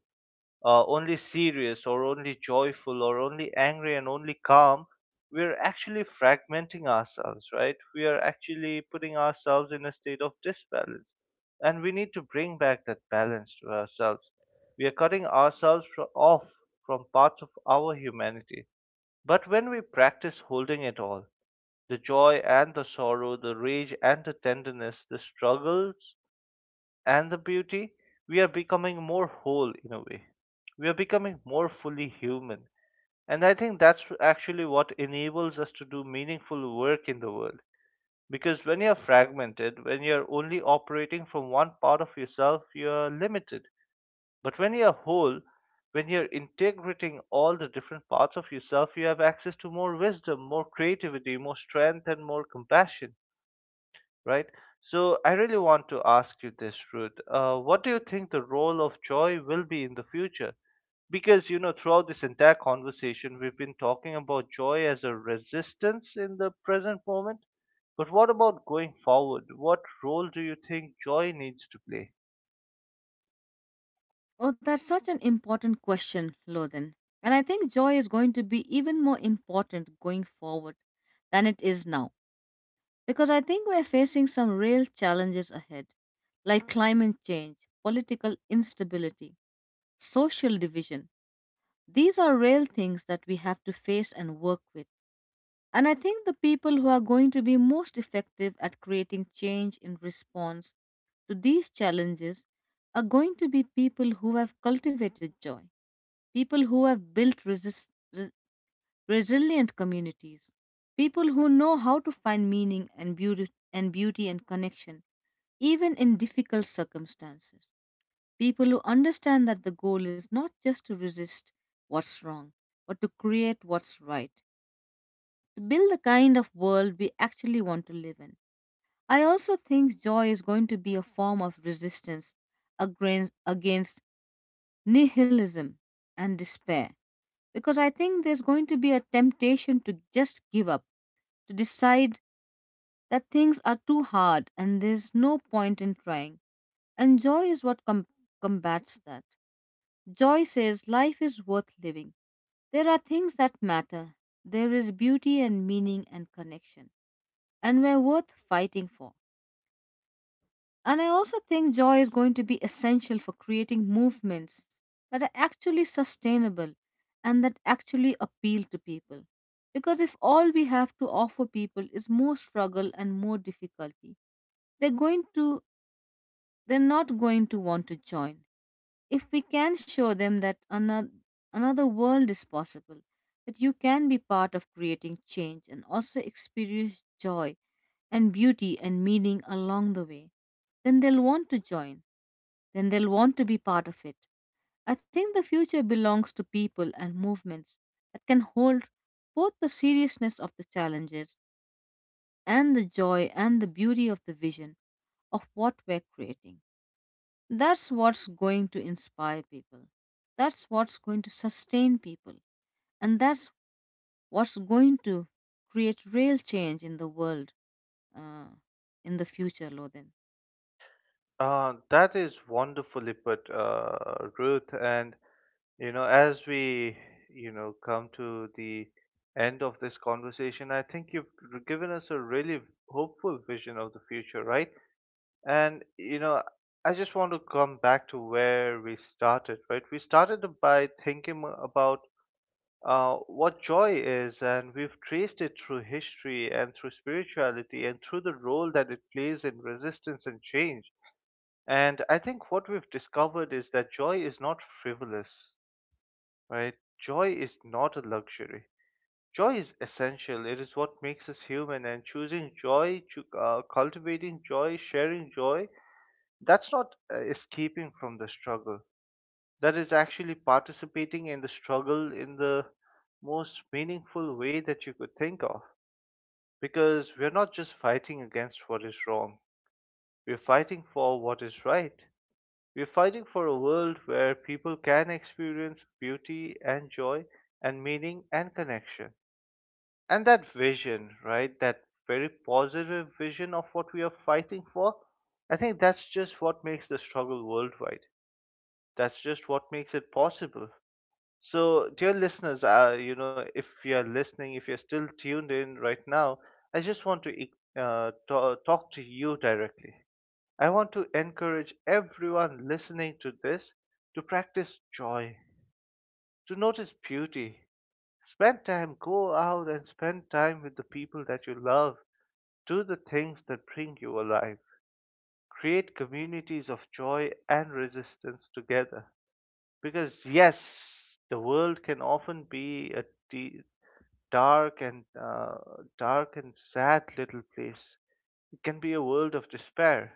Speaker 1: uh, only serious or only joyful or only angry and only calm, we're actually fragmenting ourselves, right? We are actually putting ourselves in a state of disbalance. And we need to bring back that balance to ourselves. We are cutting ourselves fro- off from parts of our humanity. But when we practice holding it all, the joy and the sorrow, the rage and the tenderness, the struggles and the beauty, we are becoming more whole in a way. We are becoming more fully human. And I think that's actually what enables us to do meaningful work in the world. Because when you're fragmented, when you're only operating from one part of yourself, you're limited. But when you're whole, when you're integrating all the different parts of yourself, you have access to more wisdom, more creativity, more strength, and more compassion, right? So I really want to ask you this, Ruth. Uh, what do you think the role of joy will be in the future? Because you know, throughout this entire conversation, we've been talking about joy as a resistance in the present moment. But what about going forward? What role do you think joy needs to play?
Speaker 2: Oh, that's such an important question, Lothan. And I think joy is going to be even more important going forward than it is now. Because I think we're facing some real challenges ahead, like climate change, political instability, social division. These are real things that we have to face and work with. And I think the people who are going to be most effective at creating change in response to these challenges are going to be people who have cultivated joy, people who have built resist, re- resilient communities, people who know how to find meaning and beauty and beauty and connection even in difficult circumstances, people who understand that the goal is not just to resist what's wrong, but to create what's right, to build the kind of world we actually want to live in. I also think joy is going to be a form of resistance agrin- against nihilism and despair, because I think there's going to be a temptation to just give up, to decide that things are too hard and there's no point in trying. And joy is what com- combats that. Joy says life is worth living. There are things that matter. There is beauty and meaning and connection, and we're worth fighting for. And I also think joy is going to be essential for creating movements that are actually sustainable and that actually appeal to people. Because if all we have to offer people is more struggle and more difficulty, they're going to they're not going to want to join. If we can show them that another, another world is possible, that you can be part of creating change and also experience joy and beauty and meaning along the way, then they'll want to join, then they'll want to be part of it. I think the future belongs to people and movements that can hold both the seriousness of the challenges and the joy and the beauty of the vision of what we're creating. That's what's going to inspire people. That's what's going to sustain people. And that's what's going to create real change in the world, uh, in the future, Lodin.
Speaker 1: Uh, that is wonderfully put, uh, Ruth. And you know, as we, you know, come to the end of this conversation, I think you've given us a really hopeful vision of the future, right? And, you know, I just want to come back to where we started, right? We started by thinking about uh, what joy is, and we've traced it through history and through spirituality and through the role that it plays in resistance and change. And I think what we've discovered is that joy is not frivolous, right? Joy is not a luxury. Joy is essential. It is what makes us human. And choosing joy, chu- uh, cultivating joy, sharing joy, that's not uh, escaping from the struggle. That is actually participating in the struggle in the most meaningful way that you could think of. Because we're not just fighting against what is wrong, we're fighting for what is right. We're fighting for a world where people can experience beauty and joy and meaning and connection. And that vision, right, that very positive vision of what we are fighting for, I think that's just what makes the struggle worldwide, that's just what makes it possible. So, dear listeners, uh, you know if you're listening, if you're still tuned in right now, I just want to uh, to- talk to you directly. I want to encourage everyone listening to this to practice joy, to notice beauty, spend time, go out and spend time with the people that you love, do the things that bring you alive. Create communities of joy and resistance together. Because, yes, the world can often be a de- dark and uh, dark and sad little place. It can be a world of despair.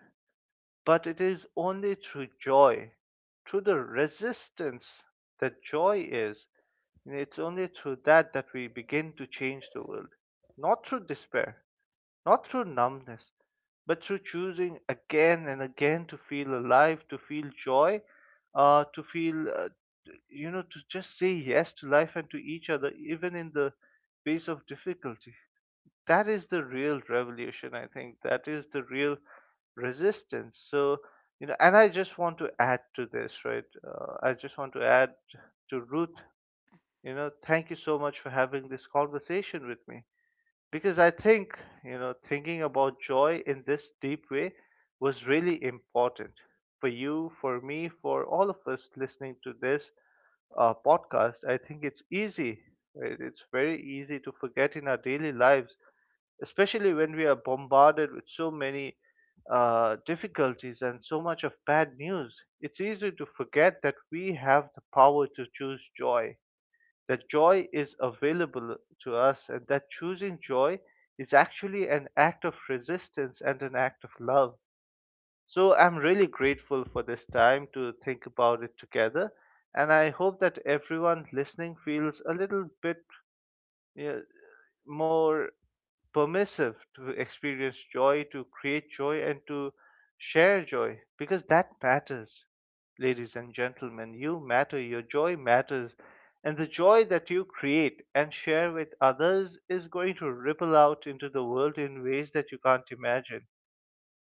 Speaker 1: But it is only through joy, through the resistance that joy is. And it's only through that that we begin to change the world, not through despair, not through numbness, but through choosing again and again to feel alive, to feel joy, uh, to feel, uh, you know, to just say yes to life and to each other, even in the face of difficulty. That is the real revolution, I think. That is the real resistance. So, you know, and I just want to add to this, right? Uh, I just want to add to Ruth, you know, thank you so much for having this conversation with me because I think, you know, thinking about joy in this deep way was really important for you, for me, for all of us listening to this uh, podcast. I think it's easy, right? It's very easy to forget in our daily lives, especially when we are bombarded with so many uh, difficulties and so much of bad news. It's easy to forget that we have the power to choose joy, that joy is available to us, and that choosing joy is actually an act of resistance and an act of love. So I'm really grateful for this time to think about it together. And I hope that everyone listening feels a little bit, you know, more permissive to experience joy, to create joy, and to share joy, because that matters, ladies and gentlemen. You matter, your joy matters, and the joy that you create and share with others is going to ripple out into the world in ways that you can't imagine.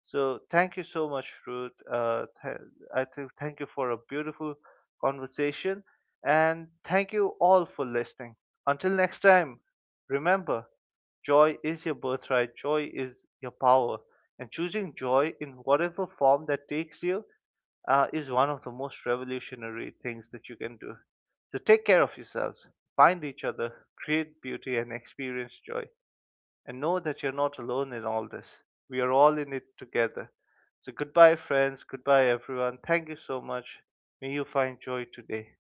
Speaker 1: So thank you so much, Ruth. Uh, th- I think thank you for a beautiful conversation, and thank you all for listening. Until next time, remember, joy is your birthright. Joy is your power, and choosing joy in whatever form that takes you uh, is one of the most revolutionary things that you can do. So take care of yourselves. Find each other, create beauty, and experience joy, and know that you're not alone in all this. We are all in it together. So, goodbye, friends. Goodbye, everyone. Thank you so much. May you find joy today.